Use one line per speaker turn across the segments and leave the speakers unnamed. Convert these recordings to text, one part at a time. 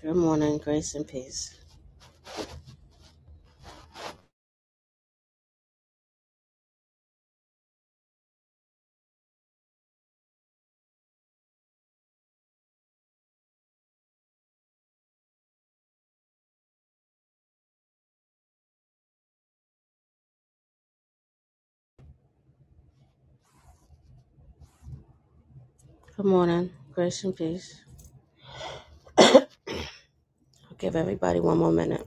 Good morning, grace and peace. Good morning, grace and peace. I'll give everybody one more minute.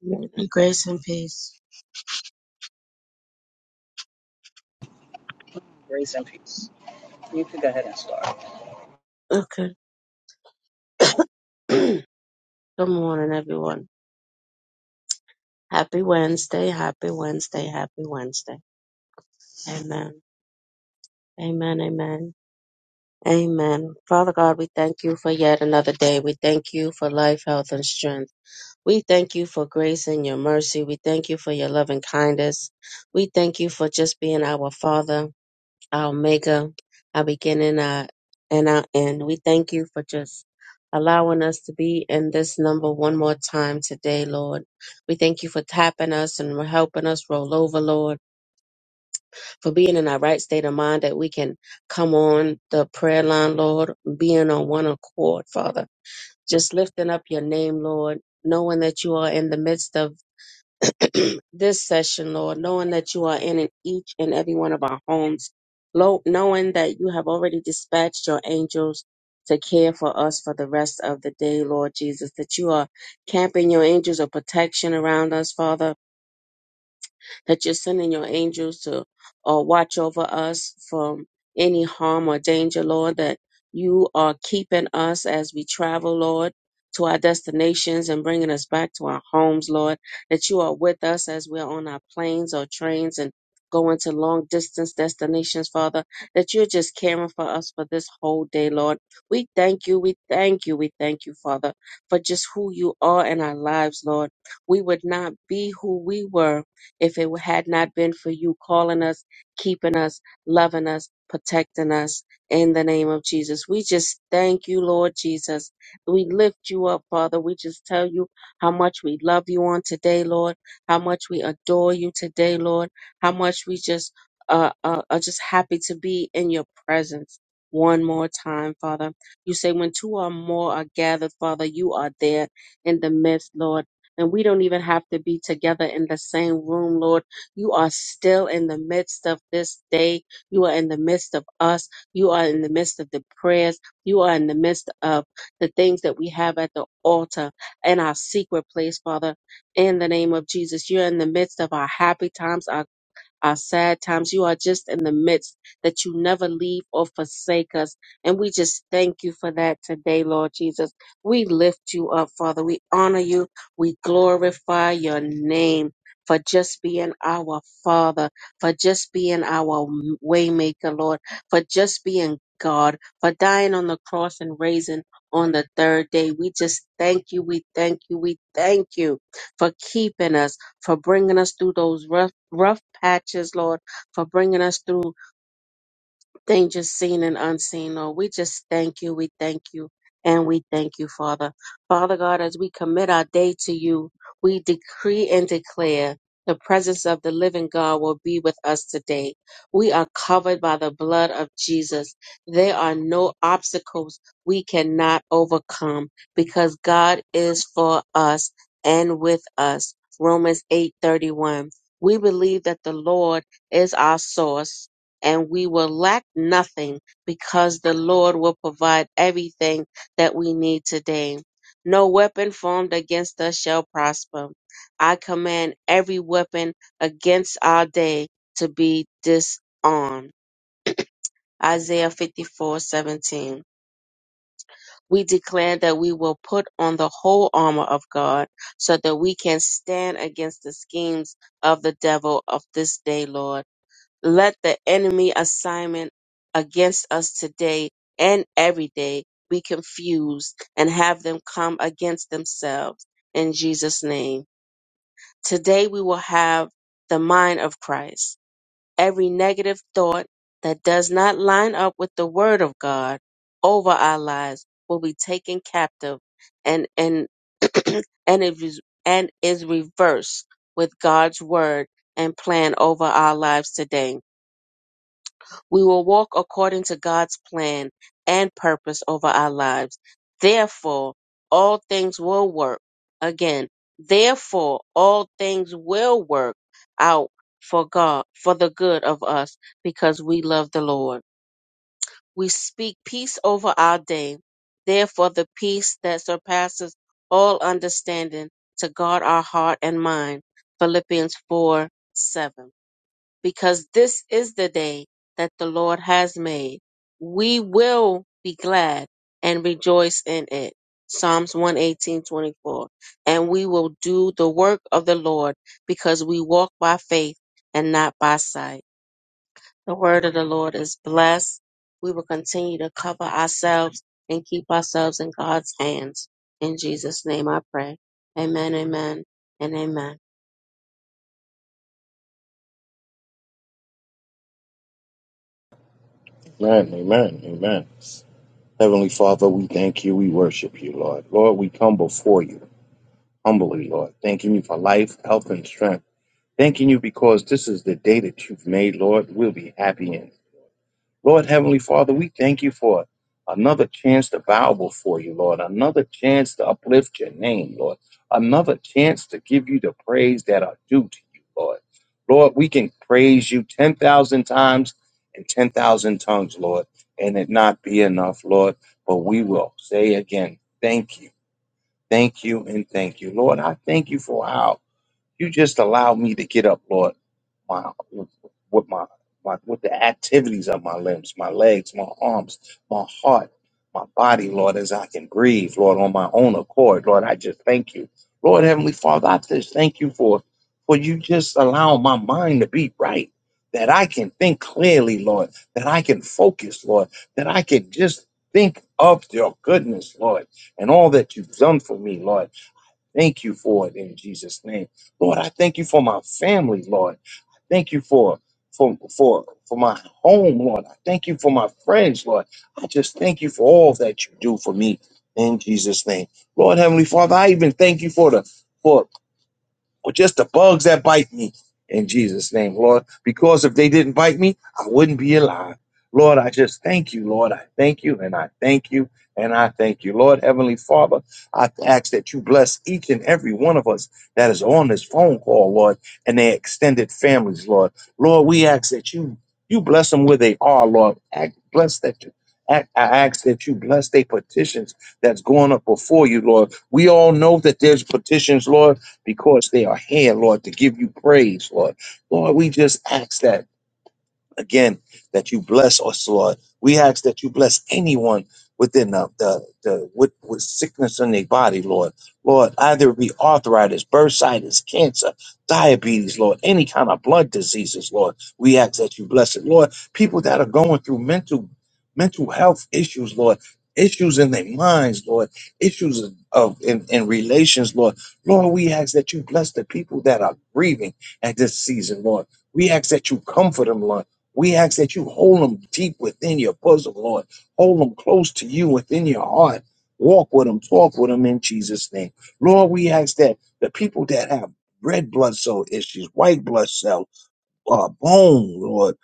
Morning, Grace and peace.
Grace and peace. You can go ahead and start.
Okay. Good morning, everyone. Happy Wednesday, happy Wednesday, happy Wednesday. Amen. Amen, amen. Amen. Father God, we thank you for yet another day. We thank you for life, health, and strength. We thank you for grace and your mercy. We thank you for your loving kindness. We thank you for just being our Father. our maker, our beginning, our and our end. We thank you for just allowing us to be in this number one more time today, Lord. We thank you for tapping us and helping us roll over, Lord, for being in our right state of mind that we can come on the prayer line, Lord, being on one accord, Father. Just lifting up your name, Lord, knowing that you are in the midst of this session, Lord, knowing that you are in it each and every one of our homes, Lo- knowing that you have already dispatched your angels to care for us for the rest of the day, Lord Jesus, that you are camping your angels of protection around us, Father that you're sending your angels to uh, watch over us from any harm or danger, Lord, that you are keeping us as we travel, Lord, to our destinations and bringing us back to our homes, Lord, that you are with us as we're on our planes or trains and going to long distance destinations, Father, that you're just caring for us for this whole day, Lord. We thank you, we thank you, we thank you, Father, for just who you are in our lives, Lord. We would not be who we were if it had not been for you calling us, keeping us, loving us, protecting us in the name of Jesus, we just thank you, Lord Jesus. We lift you up, Father. We just tell you how much we love you on today, Lord, how much we adore you today, Lord, how much we just uh, uh, are just happy to be in your presence one more time, Father. You say, when two or more are gathered, Father, you are there in the midst, Lord. And we don't even have to be together in the same room, Lord. You are still in the midst of this day. You are in the midst of us. You are in the midst of the prayers. You are in the midst of the things that we have at the altar in our secret place, Father. In the name of Jesus, you're in the midst of our happy times, our our sad times. You are just in the midst that you never leave or forsake us. And we just thank you for that today, Lord Jesus. We lift you up, Father. We honor you. We glorify your name. For just being our Father, for just being our Waymaker, Lord, for just being God, for dying on the cross and raising on the third day. We just thank you, we thank you, we thank you for keeping us, for bringing us through those rough, rough patches, Lord, for bringing us through dangers seen and unseen, Lord. We just thank you, we thank you, and we thank you, Father. Father God, as we commit our day to you, we decree and declare the presence of the living God will be with us today. We are covered by the blood of Jesus. There are no obstacles we cannot overcome because God is for us and with us. Romans 8:31. We believe that the Lord is our source and we will lack nothing because the Lord will provide everything that we need today. No weapon formed against us shall prosper. I command every weapon against our day to be disarmed. Isaiah 54:17. We declare that we will put on the whole armor of God so that we can stand against the schemes of the devil of this day, Lord. Let the enemy assignment against us today and every day be confused and have them come against themselves in Jesus' name. Today we will have the mind of Christ. Every negative thought that does not line up with the word of God over our lives will be taken captive and and and it is and is reversed with God's word and plan over our lives today. We will walk according to God's plan and purpose over our lives. Therefore, all things will work. Again, therefore, all things will work out for God, for the good of us, because we love the Lord. We speak peace over our day. Therefore, the peace that surpasses all understanding to guard our heart and mind. Philippians 4 7 because this is the day that the Lord has made. We will be glad and rejoice in it. Psalms 118:24. And we will do the work of the Lord because we walk by faith and not by sight. The word of the Lord is blessed. We will continue to cover ourselves and keep ourselves in God's hands. In Jesus' name I pray. Amen, amen, and amen.
Amen, amen, amen. Heavenly Father, we thank you. We worship you, Lord. Lord, we come before you humbly, Lord, thanking you for life, health, and strength. Thanking you because this is the day that you've made, Lord. We'll be happy in. Lord Heavenly Father, we thank you for another chance to bow before you, Lord, another chance to uplift your name, Lord, another chance to give you the praise that are due to you, Lord. Lord, we can praise you 10,000 times and 10,000 tongues, Lord, and it not be enough, Lord, but we will say again, thank you, thank you, and thank you. Lord, I thank you for how. You just allow me to get up, Lord, my with my my with the activities of my limbs, my legs, my arms, my heart, my body, Lord, as I can breathe, Lord, on my own accord, Lord. I just thank you, Lord, Heavenly Father. I just thank you for for you just allowing my mind to be right, that I can think clearly, Lord, that I can focus, Lord, that I can just think of your goodness, Lord, and all that you've done for me, Lord thank you for it in Jesus' name. Lord, I thank you for my family, Lord. I thank you for for for for my home, Lord. I thank you for my friends, Lord. I just thank you for all that you do for me in Jesus' name. Lord Heavenly Father, I even thank you for the for or just the bugs that bite me in Jesus' name, Lord. Because if they didn't bite me, I wouldn't be alive. Lord, I just thank you, Lord. I thank you and I thank you and I thank you. Lord, Heavenly Father, I ask that you bless each and every one of us that is on this phone call, Lord, and their extended families, Lord. Lord, we ask that you you bless them where they are, Lord. Act, bless that you. act- I ask that you bless their petitions that's going up before you, Lord. We all know that there's petitions, Lord, because they are here, Lord, to give you praise, Lord. Lord, we just ask that. Again, that you bless us, Lord. We ask that you bless anyone within the, the, the with, with sickness in their body, Lord. Lord, either it be arthritis, bursitis, cancer, diabetes, Lord, any kind of blood diseases, Lord. We ask that you bless it, Lord. People that are going through mental mental health issues, Lord, issues in their minds, Lord, issues of of- in, in relations, Lord. Lord, we ask that you bless the people that are grieving at this season, Lord. We ask that you comfort them, Lord we ask that you hold them deep within your bosom, Lord. Hold them close to you within your heart. Walk with them, talk with them in Jesus' name. Lord, we ask that the people that have red blood cell issues, white blood cell, uh, bone, Lord,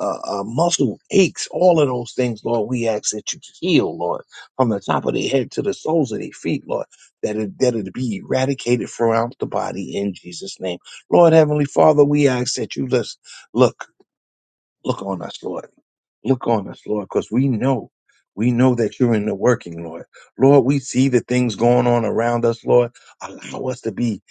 uh, uh, muscle aches, all of those things, Lord, we ask that you heal, Lord, from the top of their head to the soles of their feet, Lord, that it, that it be eradicated throughout the body in Jesus' name. Lord, Heavenly Father, we ask that you just look, look on us, Lord Look on us, Lord, because we know, we know that you're in the working, Lord. Lord, we see the things going on around us, Lord. Allow us to be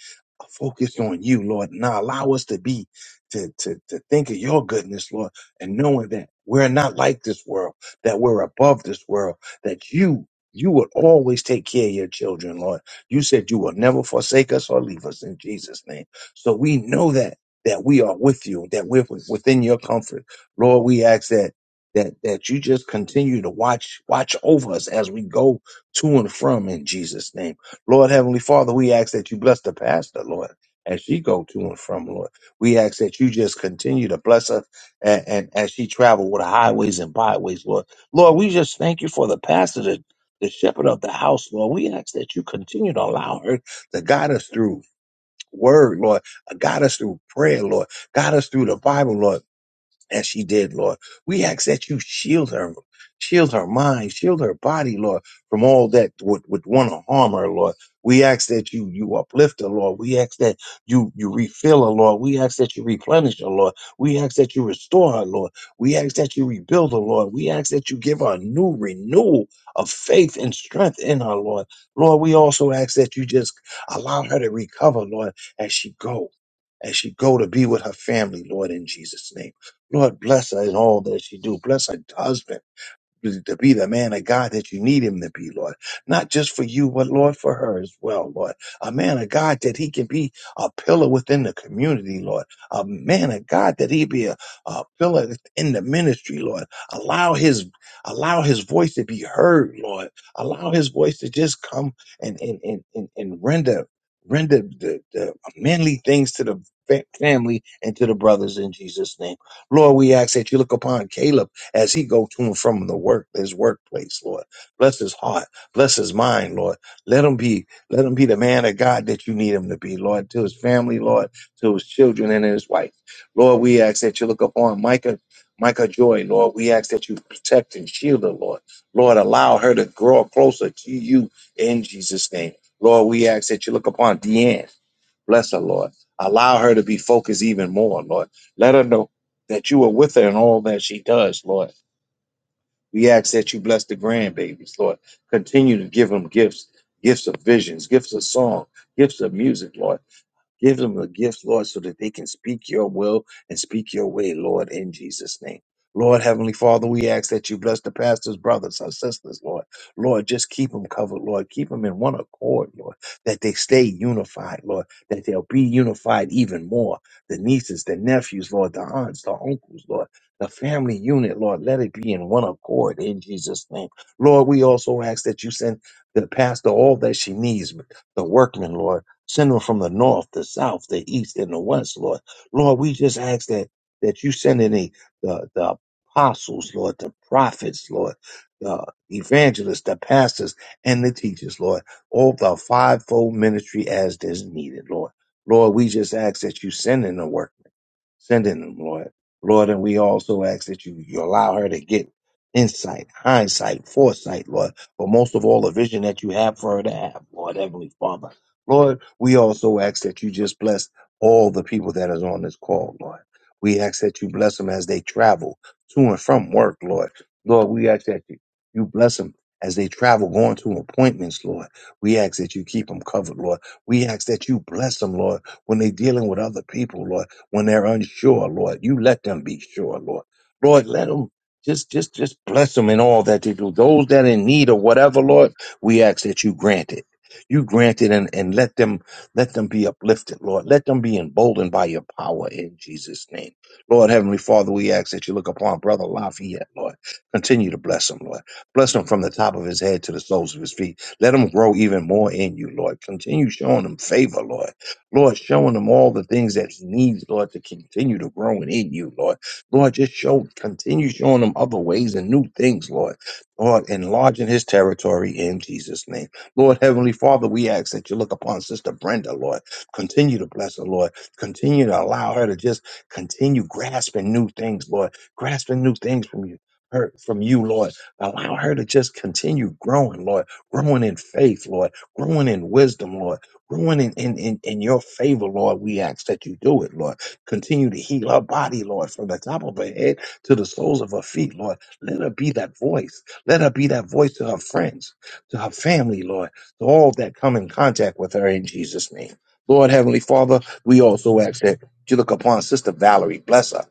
focused on you, Lord. Now allow us to be, to, to, to think of your goodness, Lord, and knowing that we're not like this world, that we're above this world, that you, you would always take care of your children, Lord. You said you will never forsake us or leave us in Jesus' name. So we know that, that we are with you, that we're within your comfort. Lord, we ask that that that you just continue to watch watch over us as we go to and from in Jesus name. Lord heavenly Father, we ask that you bless the pastor, Lord, as she go to and from, Lord. We ask that you just continue to bless her and, and as she travel with the highways and byways, Lord. Lord, we just thank you for the pastor the the shepherd of the house, Lord, we ask that you continue to allow her to guide us through word, Lord, uh, guide us through prayer, Lord, guide us through the Bible, Lord as she did, Lord. We ask that you shield her, shield her mind, shield her body, Lord, from all that would, would want to harm her, Lord. We ask that you you uplift her, Lord. We ask that you you refill her, Lord. We ask that you replenish her, Lord. We ask that you restore her, Lord. We ask that you rebuild her, Lord. We ask that you give her a new renewal of faith and strength in her, Lord. Lord, we also ask that you just allow her to recover, Lord, as she go as she go to be with her family, Lord, in Jesus' name. Lord, bless her in all that she do. Bless her husband to be the man of God that you need him to be, Lord. Not just for you, but Lord, for her as well, Lord. A man of God that he can be a pillar within the community, Lord. A man of God that he be a, a pillar in the ministry, Lord. Allow his allow his voice to be heard, Lord. Allow his voice to just come and and and and, and render render the, the manly things to the fa- family and to the brothers in Jesus' name. Lord, we ask that you look upon Caleb as he go to and from the work, his workplace, Lord. Bless his heart. Bless his mind, Lord. Let him be, let him be the man of God that you need him to be, Lord, to his family, Lord, to his children and his wife. Lord, we ask that you look upon Micah, Micah Joy, Lord. We ask that you protect and shield her, Lord. Lord, allow her to grow closer to you in Jesus' name. Lord, we ask that you look upon Deanne. Bless her, Lord. Allow her to be focused even more, Lord. Let her know that you are with her in all that she does, Lord. We ask that you bless the grandbabies, Lord. Continue to give them gifts, gifts of visions, gifts of song, gifts of music, Lord. Give them the gift, Lord, so that they can speak your will and speak your way, Lord, in Jesus' name. Lord, Heavenly Father, we ask that you bless the pastors, brothers, our sisters, Lord. Lord, just keep them covered, Lord. Keep them in one accord, Lord, that they stay unified, Lord, that they'll be unified even more. The nieces, the nephews, Lord, the aunts, the uncles, Lord, the family unit, Lord, let it be in one accord in Jesus' name. Lord, we also ask that you send the pastor all that she needs, the workmen, Lord. Send them from the north, the south, the east, and the west, Lord. Lord, we just ask that that you send in the, the, the apostles, Lord, the prophets, Lord, the evangelists, the pastors, and the teachers, Lord. All the fivefold ministry as is needed, Lord. Lord, we just ask that you send in the workmen, send in them, Lord. Lord, and we also ask that you, you allow her to get insight, hindsight, foresight, Lord, but most of all, the vision that you have for her to have, Lord, Heavenly Father. Lord, we also ask that you just bless all the people that is on this call, Lord. We ask that you bless them as they travel to and from work, Lord. Lord, we ask that you, you bless them as they travel going to appointments, Lord. We ask that you keep them covered, Lord. We ask that you bless them, Lord, when they're dealing with other people, Lord, when they're unsure, Lord. You let them be sure, Lord. Lord, let them just just just bless them in all that they do. Those that in need of whatever, Lord, we ask that you grant it you granted and, and let them let them be uplifted, Lord. Let them be emboldened by your power in Jesus' name. Lord Heavenly Father, we ask that you look upon Brother Lafayette, Lord. Continue to bless him, Lord. Bless him from the top of his head to the soles of his feet. Let him grow even more in you, Lord. Continue showing him favor, Lord. Lord, showing him all the things that he needs, Lord, to continue to grow in you, Lord. Lord, just show, continue showing him other ways and new things, Lord. Lord, enlarging his territory in Jesus' name. Lord Heavenly Father, we ask that you look upon Sister Brenda, Lord. Continue to bless her, Lord. Continue to allow her to just continue grasping new things, Lord. Grasping new things from you. Her, from you, Lord. Allow her to just continue growing, Lord. Growing in faith, Lord. Growing in wisdom, Lord. Growing in, in, in, in your favor, Lord. We ask that you do it, Lord. Continue to heal her body, Lord, from the top of her head to the soles of her feet, Lord. Let her be that voice. Let her be that voice to her friends to her family, Lord, to all that come in contact with her in Jesus' name. Lord, Heavenly Father, we also ask that you look upon Sister Valerie, bless her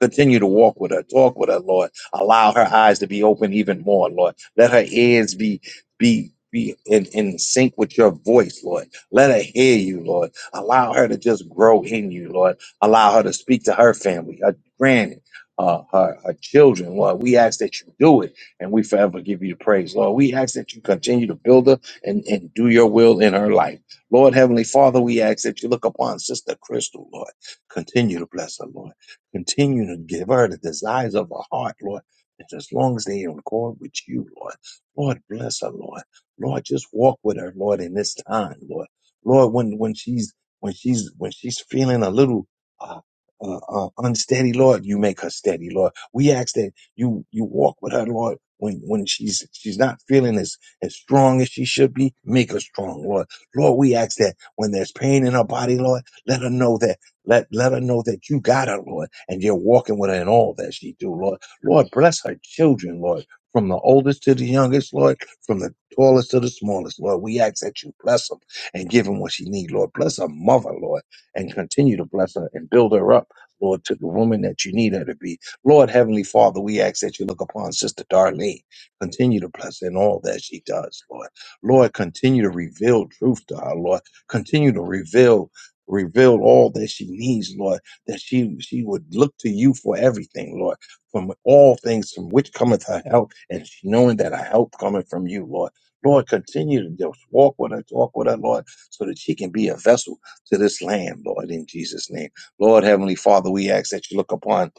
Continue to walk with her, talk with her, Lord. Allow her eyes to be open even more, Lord. Let her ears be be be in, in sync with your voice, Lord. Let her hear you, Lord. Allow her to just grow in you, Lord. Allow her to speak to her family, her granny, uh, her, her children, Lord. We ask that you do it and we forever give you the praise, Lord. We ask that you continue to build her and, and do your will in her life. Lord, Heavenly Father, we ask that you look upon Sister Crystal, Lord. Continue to bless her, Lord. Continue to give her the desires of her heart, Lord. And as long as they are in accord with you, Lord, Lord, bless her, Lord. Lord, just walk with her, Lord, in this time, Lord. Lord, when when she's when she's when she's feeling a little uh, uh, uh, unsteady, Lord, you make her steady, Lord. We ask that you you walk with her, Lord. When when she's she's not feeling as as strong as she should be, make her strong, Lord. Lord, we ask that when there's pain in her body, Lord, let her know that. Let let her know that you got her, Lord, and you're walking with her in all that she do, Lord. Lord, bless her children, Lord, from the oldest to the youngest, Lord, from the tallest to the smallest, Lord. We ask that you bless them and give them what she need, Lord. Bless her mother, Lord, and continue to bless her and build her up. Lord, to the woman that you need her to be. Lord, Heavenly Father, we ask that you look upon Sister Darlene. Continue to bless her in all that she does, Lord. Lord, continue to reveal truth to her, Lord. Continue to reveal reveal all that she needs, Lord, that she she would look to you for everything, Lord, from all things from which cometh her help, and she knowing that her help cometh from you, Lord. Lord, continue to just walk with her, talk with her, Lord, so that she can be a vessel to this land, Lord, in Jesus' name. Lord, Heavenly Father, we ask that you look upon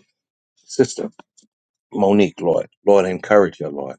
Sister Monique, Lord. Lord, encourage her, Lord.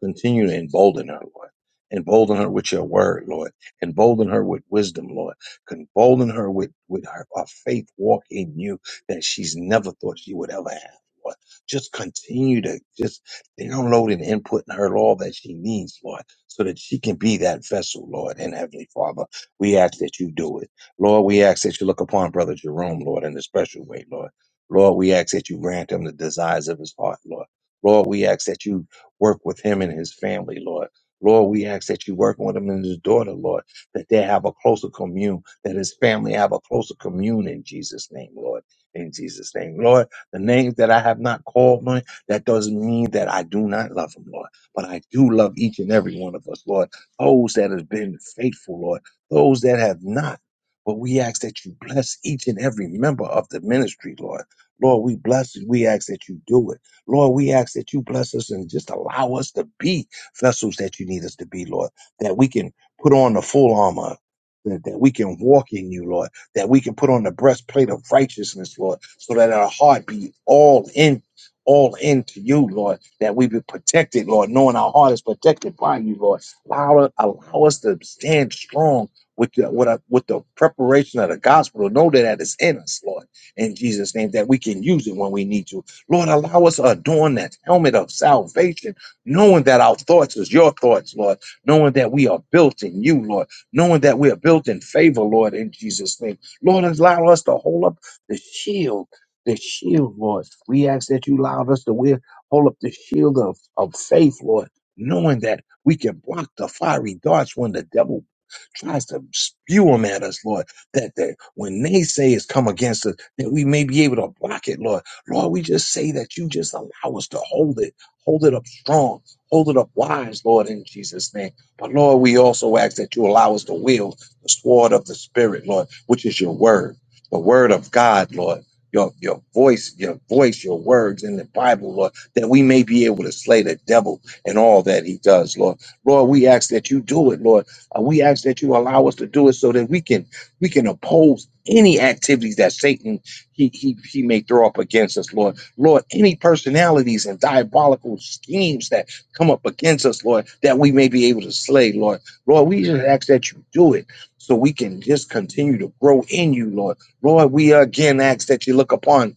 Continue to embolden her, Lord. Embolden her with your word, Lord. Embolden her with wisdom, Lord. Embolden her with, with her, a faith walk in you that she's never thought she would ever have, Lord. Just continue to just download and input in her all that she needs, Lord, so that she can be that vessel, Lord. And Heavenly Father, we ask that you do it. Lord, we ask that you look upon Brother Jerome, Lord, in a special way, Lord. Lord, we ask that you grant him the desires of his heart, Lord. Lord, we ask that you Work with him and his family, Lord. Lord, we ask that you work with him and his daughter, Lord, that they have a closer commune, that his family have a closer commune in Jesus' name, Lord. In Jesus' name, Lord, the names that I have not called, Lord, that doesn't mean that I do not love them, Lord, but I do love each and every one of us, Lord. Those that have been faithful, Lord, those that have not. But we ask that you bless each and every member of the ministry, Lord. Lord, we bless you. We ask that you do it. Lord, we ask that you bless us and just allow us to be vessels that you need us to be, Lord, that we can put on the full armor. That, that we can walk in you, Lord, that we can put on the breastplate of righteousness, Lord, so that our heart be all in, all into you, Lord, that we be protected, Lord, knowing our heart is protected by you, Lord. Allow, allow us to stand strong with the, with, our, with the preparation of the gospel, know that that is in us, Lord in Jesus' name, that we can use it when we need to. Lord, allow us to adorn that helmet of salvation, knowing that our thoughts is your thoughts, Lord, knowing that we are built in you, Lord, knowing that we are built in favor, Lord, in Jesus' name. Lord, allow us to hold up the shield, the shield, Lord. We ask that you allow us to wear, hold up the shield of, of faith, Lord, knowing that we can block the fiery darts when the devil tries to spew them at us, Lord, that, that when they say it's come against us, that we may be able to block it, Lord. Lord, we just say that you just allow us to hold it, hold it up strong, hold it up wise, Lord, in Jesus' name. But Lord, we also ask that you allow us to wield the sword of the Spirit, Lord, which is your word, the word of God, Lord. Your, your voice, your voice, your words in the Bible, Lord, that we may be able to slay the devil and all that he does, Lord. Lord, we ask that you do it, Lord and we ask that you allow us to do it so that we can we can oppose any activities that Satan he he he may throw up against us, Lord. Lord, any personalities and diabolical schemes that come up against us, Lord, that we may be able to slay, Lord. Lord, we just ask that you do it so we can just continue to grow in you, Lord. Lord, we again ask that you look upon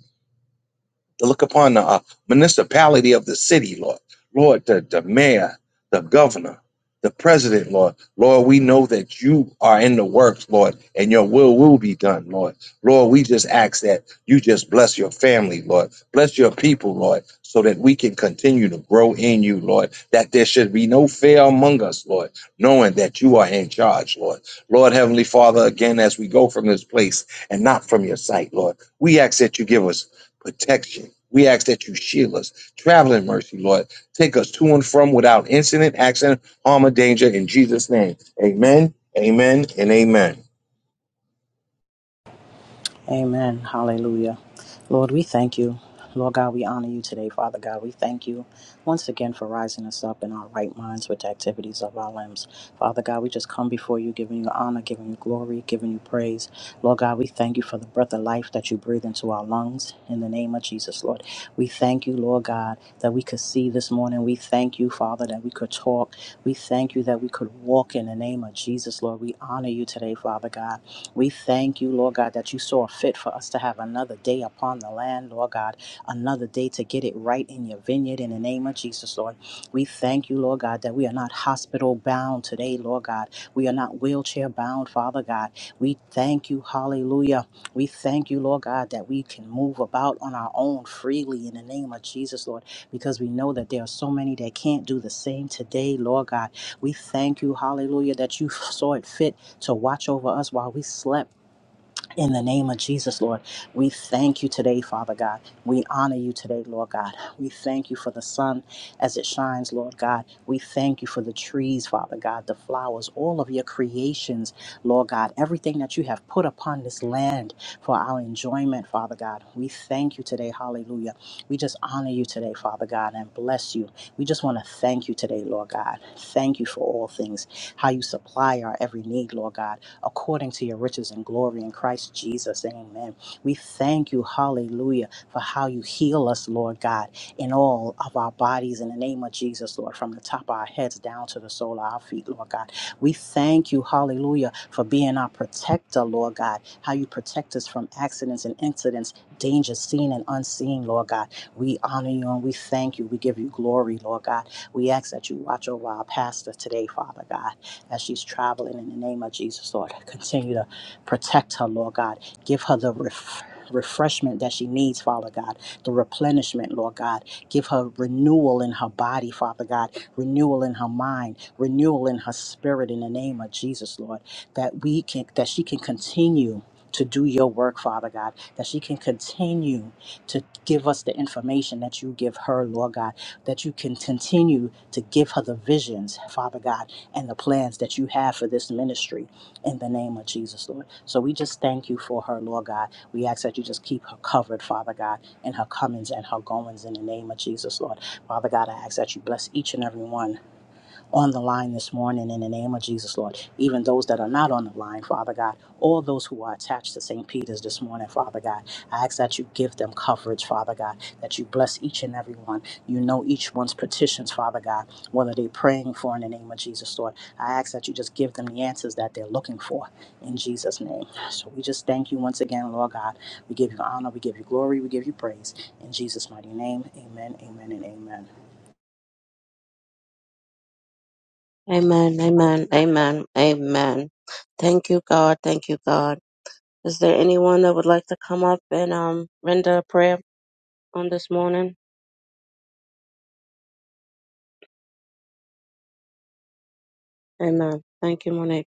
to look upon the uh, municipality of the city, Lord. Lord, the, the mayor, the governor, the president, Lord. Lord, we know that you are in the works, Lord, and your will will be done, Lord. Lord, we just ask that you just bless your family, Lord. Bless your people, Lord, so that we can continue to grow in you, Lord. That there should be no fear among us, Lord, knowing that you are in charge, Lord. Lord, Heavenly Father, again, as we go from this place and not from your sight, Lord, we ask that you give us protection. We ask that you shield us. Travel in mercy, Lord. Take us to and from without incident, accident, harm, or danger in Jesus' name. Amen, amen, and amen.
Amen. Hallelujah. Lord, we thank you. Lord God, we honor you today, Father God. We thank you once again for rising us up in our right minds with the activities of our limbs. Father God, we just come before you, giving you honor, giving you glory, giving you praise. Lord God, we thank you for the breath of life that you breathe into our lungs in the name of Jesus, Lord. We thank you, Lord God, that we could see this morning. We thank you, Father, that we could talk. We thank you that we could walk in the name of Jesus, Lord. We honor you today, Father God. We thank you, Lord God, that you saw fit for us to have another day upon the land, Lord God, another day to get it right in your vineyard in the name of Jesus, Lord. We thank you, Lord God, that we are not hospital bound today, Lord God. We are not wheelchair bound, Father God. We thank you, hallelujah. We thank you, Lord God, that we can move about on our own freely in the name of Jesus, Lord, because we know that there are so many that can't do the same today, Lord God. We thank you, hallelujah, that you saw it fit to watch over us while we slept. In the name of Jesus, Lord, we thank you today, Father God. We honor you today, Lord God. We thank you for the sun as it shines, Lord God. We thank you for the trees, Father God, the flowers, all of your creations, Lord God, everything that you have put upon this land for our enjoyment, Father God. We thank you today, hallelujah. We just honor you today, Father God, and bless you. We just want to thank you today, Lord God. Thank you for all things, how you supply our every need, Lord God according to your riches and glory in Christ Jesus. Amen. We thank you, hallelujah, for how you heal us, Lord God, in all of our bodies in the name of Jesus, Lord, from the top of our heads down to the sole of our feet, Lord God. We thank you, hallelujah, for being our protector, Lord God, how you protect us from accidents and incidents, dangers seen and unseen, Lord God. We honor you and we thank you. We give you glory, Lord God. We ask that you watch over our pastor today, Father God as she's traveling in the name of Jesus, Lord. Continue to protect her, Lord God. Give her the ref- refreshment that she needs, Father God, the replenishment, Lord God. Give her renewal in her body, Father God, renewal in her mind, renewal in her spirit in the name of Jesus, Lord. That we can that she can continue to do your work, Father God, that she can continue to give us the information that you give her, Lord God, that you can continue to give her the visions, Father God, and the plans that you have for this ministry in the name of Jesus, Lord. So we just thank you for her, Lord God. We ask that you just keep her covered, Father God, in her comings and her goings in the name of Jesus, Lord. Father God, I ask that you bless each and every one on the line this morning in the name of Jesus, Lord. Even those that are not on the line, Father God, all those who are attached to St. Peter's this morning, Father God, I ask that you give them coverage, Father God, that you bless each and every one. You know each one's petitions, Father God, whether they're praying for in the name of Jesus, Lord. I ask that you just give them the answers that they're looking for in Jesus' name. So we just thank you once again, Lord God. We give you honor, we give you glory, we give you praise. In Jesus' mighty name, amen, amen, and amen.
Amen, amen, amen, amen. Thank you, God. Thank you, God. Is there anyone that would like to come up and um render a prayer on this morning? Amen. Thank you, Monique.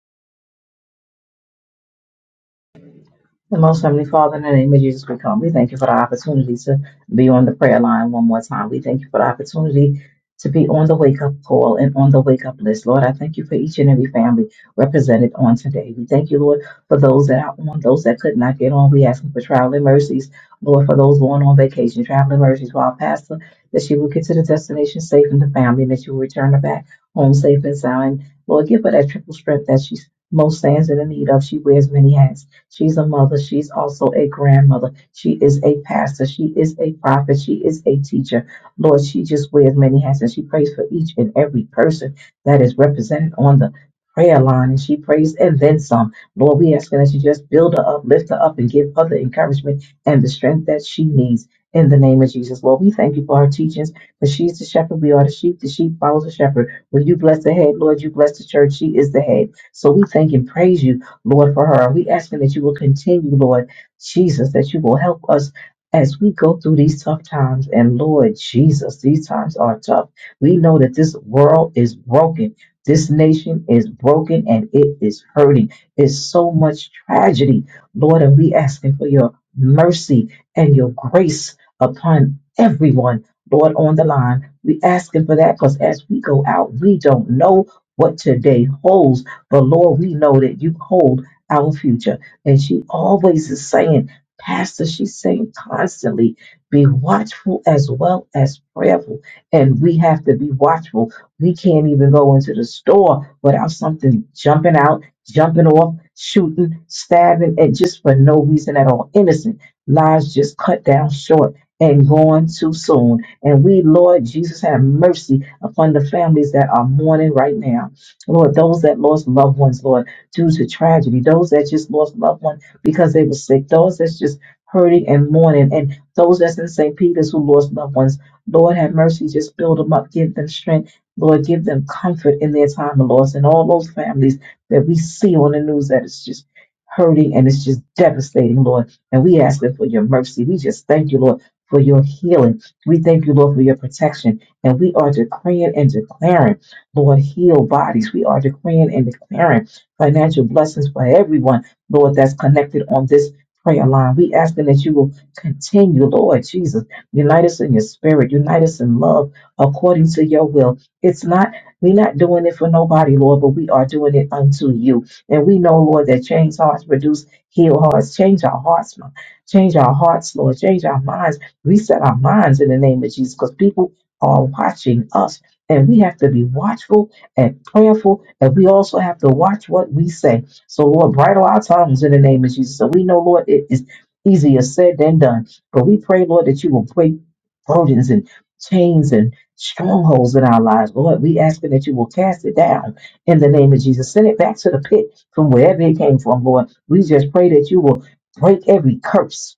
The Most Heavenly Father, in the name of Jesus, we come. We thank you for the opportunity to be on the prayer line one more time. We thank you for the opportunity to be on the wake up call and on the wake up list. Lord, I thank you for each and every family represented on today. We thank you, Lord, for those that are on, those that could not get on. We ask for traveling mercies, Lord, for those going on vacation, traveling mercies for our pastor, that she will get to the destination safe and the family, and that she will return her back home safe and sound. Lord, give her that triple strength that she most stands in the need of. She wears many hats. She's a mother. She's also a grandmother. She is a pastor. She is a prophet. She is a teacher. Lord, she just wears many hats and she prays for each and every person that is represented on the prayer line. And she prays and then some. Lord, we ask that you just build her up, lift her up, and give her the encouragement and the strength that she needs. In the name of Jesus, Lord, we thank you for her teachings. For she's the shepherd, we are the sheep. The sheep follows the shepherd. When you bless the head, Lord, you bless the church. She is the head. So we thank and praise you Lord, for her. We asking that you will continue, Lord Jesus, that you will help us as we go through these tough times. And Lord Jesus, these times are tough. We know that this world is broken. This nation is broken and it is hurting. It's so much tragedy, Lord, and we asking for your mercy and your grace upon everyone, Lord, on the line. We asking for that because as we go out, we don't know what today holds but Lord, we know that you hold our future. And she always is saying, Pastor, she's saying constantly, be watchful as well as prayerful. And we have to be watchful. We can't even go into the store without something jumping out, jumping off, shooting, stabbing, and just for no reason at all. Innocent lives just cut down short and gone too soon. And we, Lord Jesus, have mercy upon the families that are mourning right now. Lord, those that lost loved ones, Lord, due to tragedy, those that just lost loved ones because they were sick, those that's just hurting and mourning, and those that's in St. Peter's who lost loved ones, Lord, have mercy, just build them up, give them strength, Lord, give them comfort in their time of loss, and all those families that we see on the news that is just hurting and it's just devastating, Lord. And we ask it for your mercy. We just thank you, Lord, for your healing. We thank you, Lord, for your protection. And we are decreeing and declaring. Lord, heal bodies. We are decreeing and declaring financial blessings for everyone, Lord, that's connected on this prayer line. We asking that you will continue, Lord Jesus. Unite us in your spirit. Unite us in love according to your will. It's not, we're not doing it for nobody, Lord, but we are doing it unto you. And we know, Lord, that change hearts produce heal hearts. Change our hearts, Lord. Change our hearts, Lord. Change our minds. Reset our minds in the name of Jesus because people are watching us and we have to be watchful and prayerful, and we also have to watch what we say. So, Lord, bridle our tongues in the name of Jesus. So we know, Lord, it is easier said than done. But we pray, Lord, that you will break burdens and chains and strongholds in our lives. Lord, we ask that you will cast it down in the name of Jesus. Send it back to the pit from wherever it came from, Lord. We just pray that you will break every curse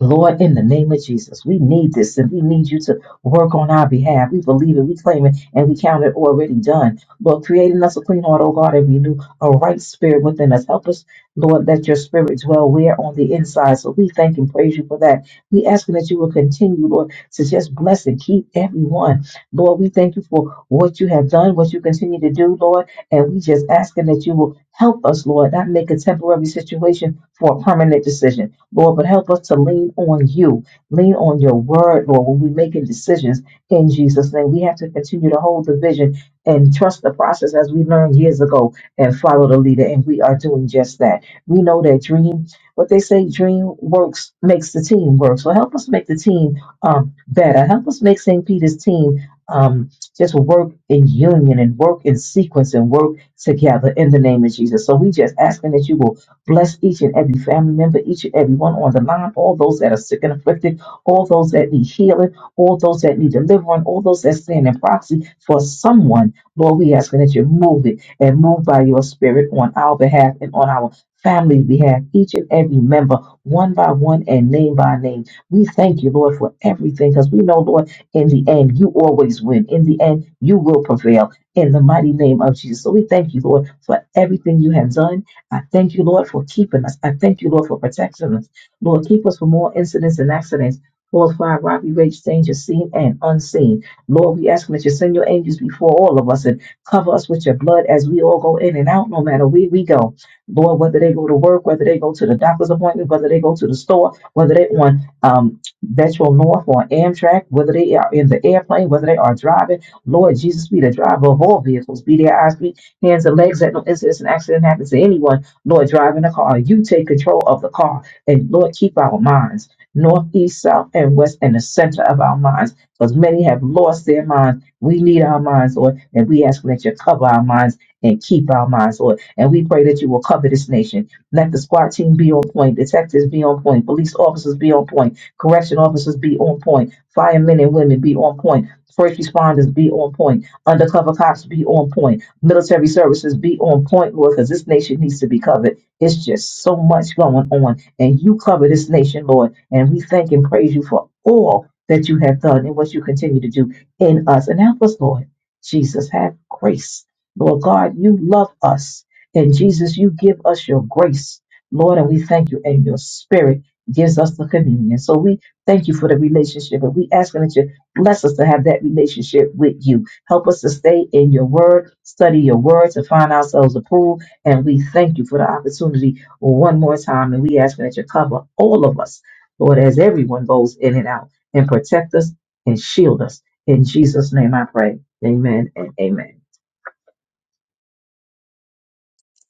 Lord, in the name of Jesus, we need this and we need you to work on our behalf. We believe it, we claim it, and we count it already done. Lord, creating us a clean heart, oh God, and renew a right spirit within us. Help us, Lord, that your spirit dwell where on the inside. So we thank and praise you for that. We asking that you will continue, Lord, to just bless and keep everyone. Lord, we thank you for what you have done, what you continue to do, Lord, and we just asking that you will help us, Lord, not make a temporary situation for a permanent decision. Lord, but help us to lean on you, lean on your word, Lord, when we're making decisions in Jesus' name. We have to continue to hold the vision and trust the process as we learned years ago and follow the leader. And we are doing just that. We know that dream, what they say, dream works, makes the team work. So help us make the team um, better. Help us make St. Peter's team um, just work in union and work in sequence and work together in the name of Jesus. So we just asking that you will Bless each and every family member, each and every one on the line, all those that are sick and afflicted, all those that need healing, all those that need deliverance, all those that stand in proxy for someone. Lord, we ask that you move it and move by your spirit on our behalf and on our family behalf, each and every member, one by one and name by name. We thank you, Lord, for everything because we know, Lord, in the end, you always win. In the end, you will prevail in the mighty name of Jesus. So we thank you, Lord, for everything you have done I thank you, Lord, for keeping us. I thank you, Lord, for protecting us. Lord, keep us from more incidents and accidents. Lord, fire, robbery, rage, danger, seen and unseen. Lord, we ask that you send your angels before all of us and cover us with your blood as we all go in and out, no matter where we go. Lord, whether they go to work, whether they go to the doctor's appointment, whether they go to the store, whether they on um, Metro North or Amtrak, whether they are in the airplane, whether they are driving, Lord Jesus, be the driver of all vehicles. Be their eyes, be hands and legs that no incidents and accident happen to anyone Lord, driving the car, you take control of the car. And Lord, keep our minds north, east, south, and west, and the center of our minds, because many have lost their minds. We need our minds, Lord, and we ask that you cover our minds and keep our minds, Lord. And we pray that you will cover this nation. Let the squad team be on point, detectives be on point, police officers be on point, correction officers be on point, firemen and women be on point, first responders be on point, undercover cops be on point military services be on point, Lord, because this nation needs to be covered. It's just so much going on. And you cover this nation, Lord. And we thank and praise you for all that you have done and what you continue to do in us. And help us, Lord. Jesus, have grace. Lord God, you love us. And Jesus, you give us your grace. Lord, and we thank you. And your spirit gives us the communion. So we thank you for the relationship. And we ask that you bless us to have that relationship with you. Help us to stay in your word, study your word to find ourselves approved. And we thank you for the opportunity one more time. And we ask that you cover all of us, Lord, as everyone goes in and out, and protect us and shield us. In Jesus' name I pray. Amen and amen.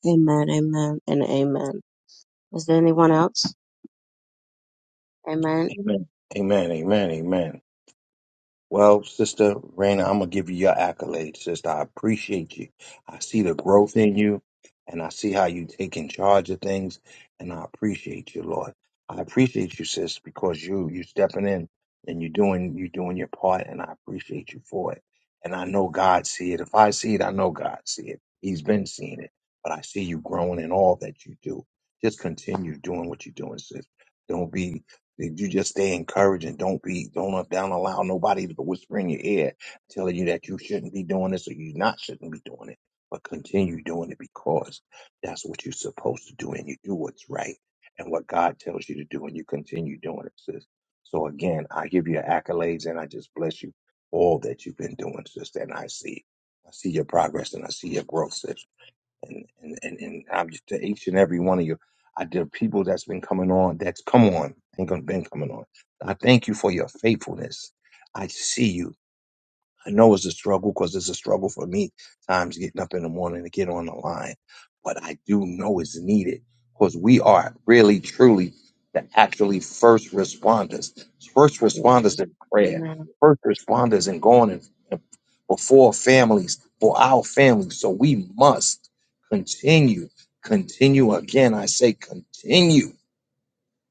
Amen, amen, and amen. Is there anyone else? Amen.
Amen, amen, amen, amen. Well, Sister Raina, I'm gonna give you your accolades, sister. I appreciate you. I see the growth in you, and I see how you taking charge of things, and I appreciate you, Lord. I appreciate you, sis, because you you stepping in and you doing you doing your part, and I appreciate you for it. And I know God see it. If I see it, I know God see it. He's been seeing it, but I see you growing in all that you do. Just continue doing what you're doing, sis. Don't be if you just stay encouraging, don't be, don't, don't allow nobody to whisper in your ear telling you that you shouldn't be doing this or you not shouldn't be doing it, but continue doing it because that's what you're supposed to do and you do what's right and what God tells you to do and you continue doing it, sis. So again, I give you accolades and I just bless you for all that you've been doing, sis. And I see, I see your progress and I see your growth, sis and and and, and I'm just to each and every one of you. I there are people that's been coming on, that's come on, ain't gonna been coming on. I thank you for your faithfulness. I see you. I know it's a struggle because it's a struggle for me. Times getting up in the morning to get on the line, but I do know it's needed because we are really, truly the actually first responders. First responders
Amen.
in prayer.
Amen.
First responders in going and and before families for our families. So we must continue, continue. Again, I say continue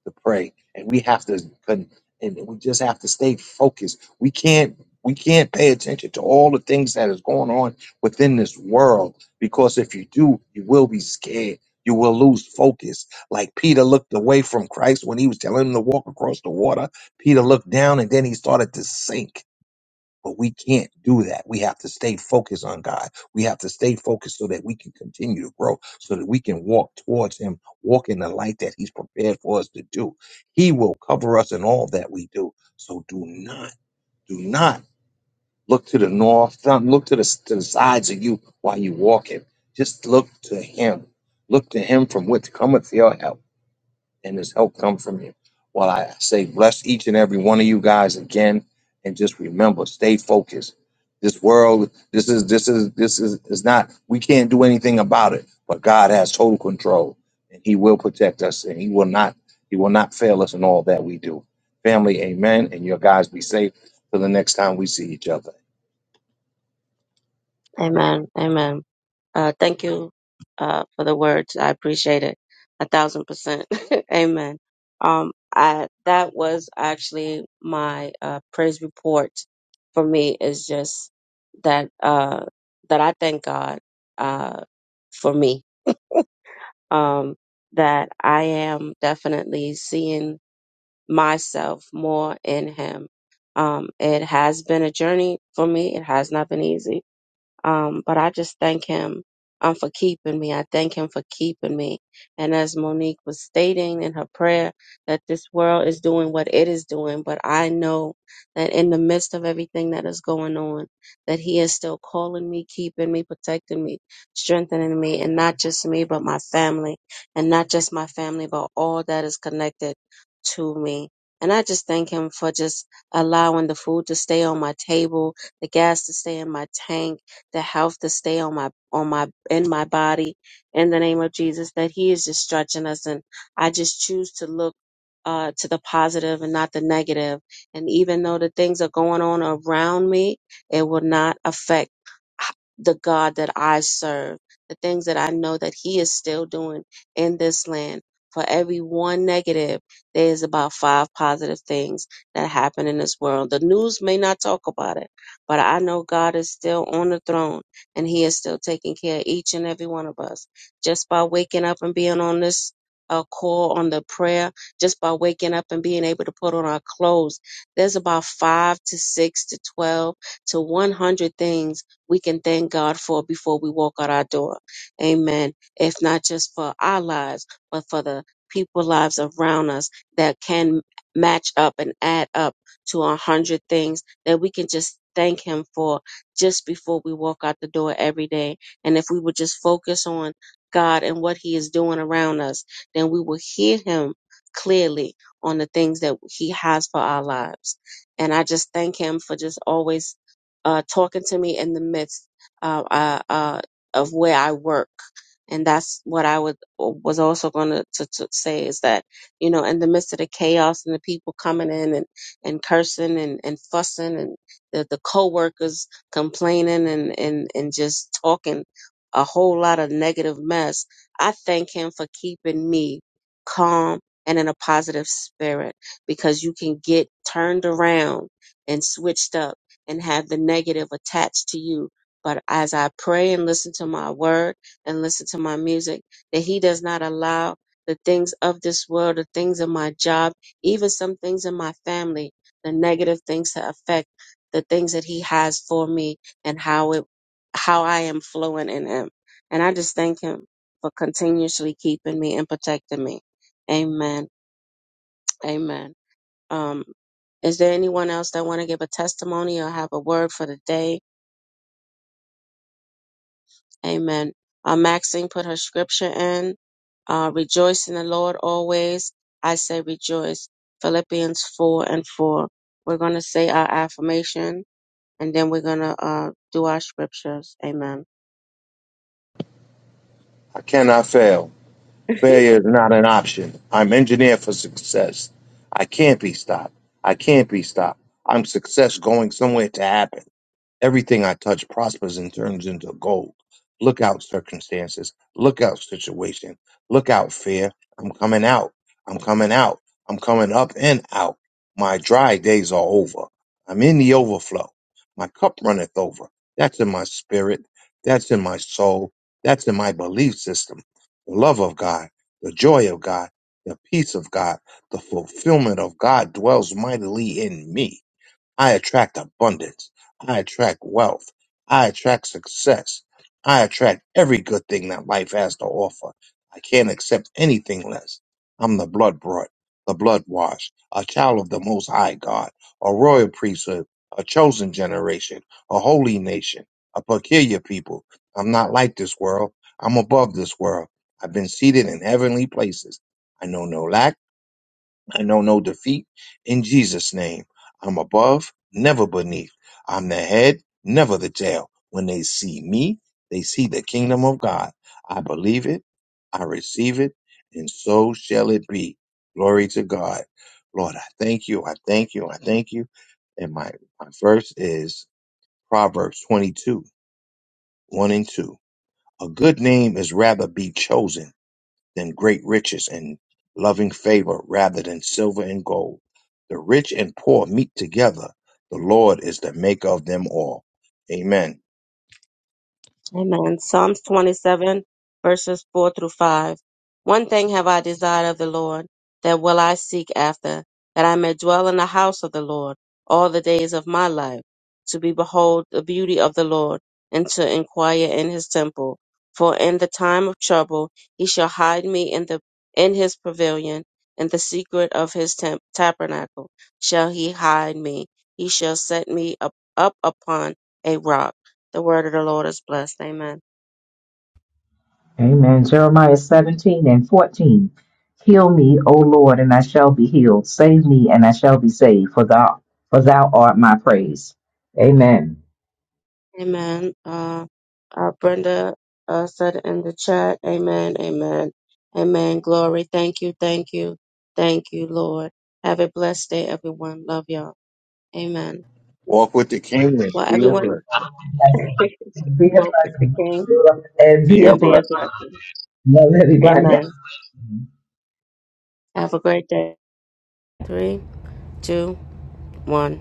to pray, and we have to con- and we just have to stay focused. We can't we can't pay attention to all the things that is going on within this world because if you do, you will be scared. You will lose focus. Like Peter looked away from Christ when he was telling him to walk across the water. Peter looked down and then he started to sink but we can't do that. We have to stay focused on God. We have to stay focused so that we can continue to grow, so that we can walk towards Him, walk in the light that He's prepared for us to do. He will cover us in all that we do. So do not, do not look to the north, don't look to the, to the sides of you while you're walking. Just look to Him. Look to Him from which cometh your help and his help come from him. While I say bless each and every one of you guys again, and just remember, stay focused. This world, this is this is this is is not. We can't do anything about it, but God has total control, and He will protect us, and He will not He will not fail us in all that we do. Family, Amen. And your guys be safe till the next time we see each other.
Amen. Amen. Uh, thank you uh, for the words. I appreciate it a thousand percent. Amen. Um, I, that was actually my uh, praise report for me is just that uh, that I thank God uh, for me. Um, that I am definitely seeing myself more in Him. Um, it has been a journey for me. It has not been easy um, but I just thank him um, for keeping me. I thank him for keeping me. And as Monique was stating in her prayer, that this world is doing what it is doing, but I know that in the midst of everything that is going on, that he is still calling me, keeping me, protecting me, strengthening me, and not just me, but my family, and not just my family, but all that is connected to me. And I just thank him for just allowing the food to stay on my table, the gas to stay in my tank the health to stay on my on my in my body in the name of Jesus that he is just stretching us and I just choose to look uh, to the positive and not the negative. And even though the things are going on around me, it will not affect h- the God that I serve. The things that I know that He is still doing in this land. For every one negative, there is about five positive things that happen in this world. The news may not talk about it but I know God is still on the throne and He is still taking care of each and every one of us. Just by waking up and being on this uh, call on the prayer, just by waking up and being able to put on our clothes, there's about five to six to 12 to 100 things we can thank God for before we walk out our door. Amen. If not just for our lives, but for the people lives around us that can match up and add up to a hundred things that we can just thank him for just before we walk out the door every day. And if we would just focus on God and what he is doing around us, then we will hear him clearly on the things that he has for our lives. And I just thank him for just always uh, talking to me in the midst uh, uh, uh, of where I work. And that's what I would uh, was also going to, to say is that you know in the midst of the chaos and the people coming in and and cursing and, and fussing and the, the co-workers complaining and, and, and just talking a whole lot of negative mess. I thank him for keeping me calm and in a positive spirit because you can get turned around and switched up and have the negative attached to you. But as I pray and listen to my word and listen to my music, that he does not allow the things of this world, the things of my job, even some things in my family the negative things to affect the things that he has for me and how it how I am flowing in him. And I just thank him for continuously keeping me and protecting me. Amen. Amen. Um is there anyone else that want to give a testimony or have a word for the day? Amen. Uh, Maxine put her scripture in. Uh, rejoice in the Lord always. I say rejoice. Philippians 4 and 4. We're going to say our affirmation and then we're gonna uh do our scriptures. Amen.
I cannot fail. Failure is not an option. I'm engineered for success. I can't be stopped. I can't be stopped. I'm success going somewhere to happen. Everything I touch prospers and turns into gold. Look out, circumstances. Look out, situation. Look out, fear. I'm coming out. I'm coming out. I'm coming up and out. My dry days are over. I'm in the overflow. My cup runneth over. That's in my spirit. That's in my soul. That's in my belief system. The love of God, the joy of God, the peace of God, the fulfillment of God dwells mightily in me. I attract abundance. I attract wealth. I attract success. I attract every good thing that life has to offer. I can't accept anything less. I'm the blood brought, the blood washed, a child of the Most High God, a royal priesthood, a chosen generation, a holy nation, a peculiar people. I'm not like this world. I'm above this world. I've been seated in heavenly places. I know no lack. I know no defeat in Jesus' name. I'm above, never beneath. I'm the head, never the tail. When they see me, they see the kingdom of God. I believe it, I receive it, and so shall it be. Glory to God. Lord, I thank you, I thank you, I thank you. And my, my verse is Proverbs 22, 1 and 2. A good name is rather be chosen than great riches and loving favor rather than silver and gold. The rich and poor meet together. The Lord is the maker of them all. Amen.
Amen. Psalms 27, verses 4 through 5. One thing have I desired of the Lord, that will I seek after, that I may dwell in the house of the Lord all the days of my life, to be behold the beauty of the Lord, and to inquire in his temple. For in the time of trouble he shall hide me in the in his pavilion, in the secret of his tem- tabernacle shall he hide me. He shall set me up, up upon a rock the word of the Lord is blessed. Amen.
Amen. Jeremiah 17 and 14. Heal me, O Lord, and I shall be healed. Save me, and I shall be saved, for thou, for thou art my praise. Amen.
Amen. Uh, uh, Brenda uh, said in the chat, Amen, Amen, Amen. Glory. Thank you, thank you, thank you, Lord. Have a blessed day, everyone. Love y'all. Amen.
Walk with the king and
Well,
be a
everyone,
blessing.
Be a
walk with the
blessing.
King
And
Be
be a
a
and
blessing.
be a
blessing.
blessing.
Love everybody.
Amen. Have a great day. Three, two, one.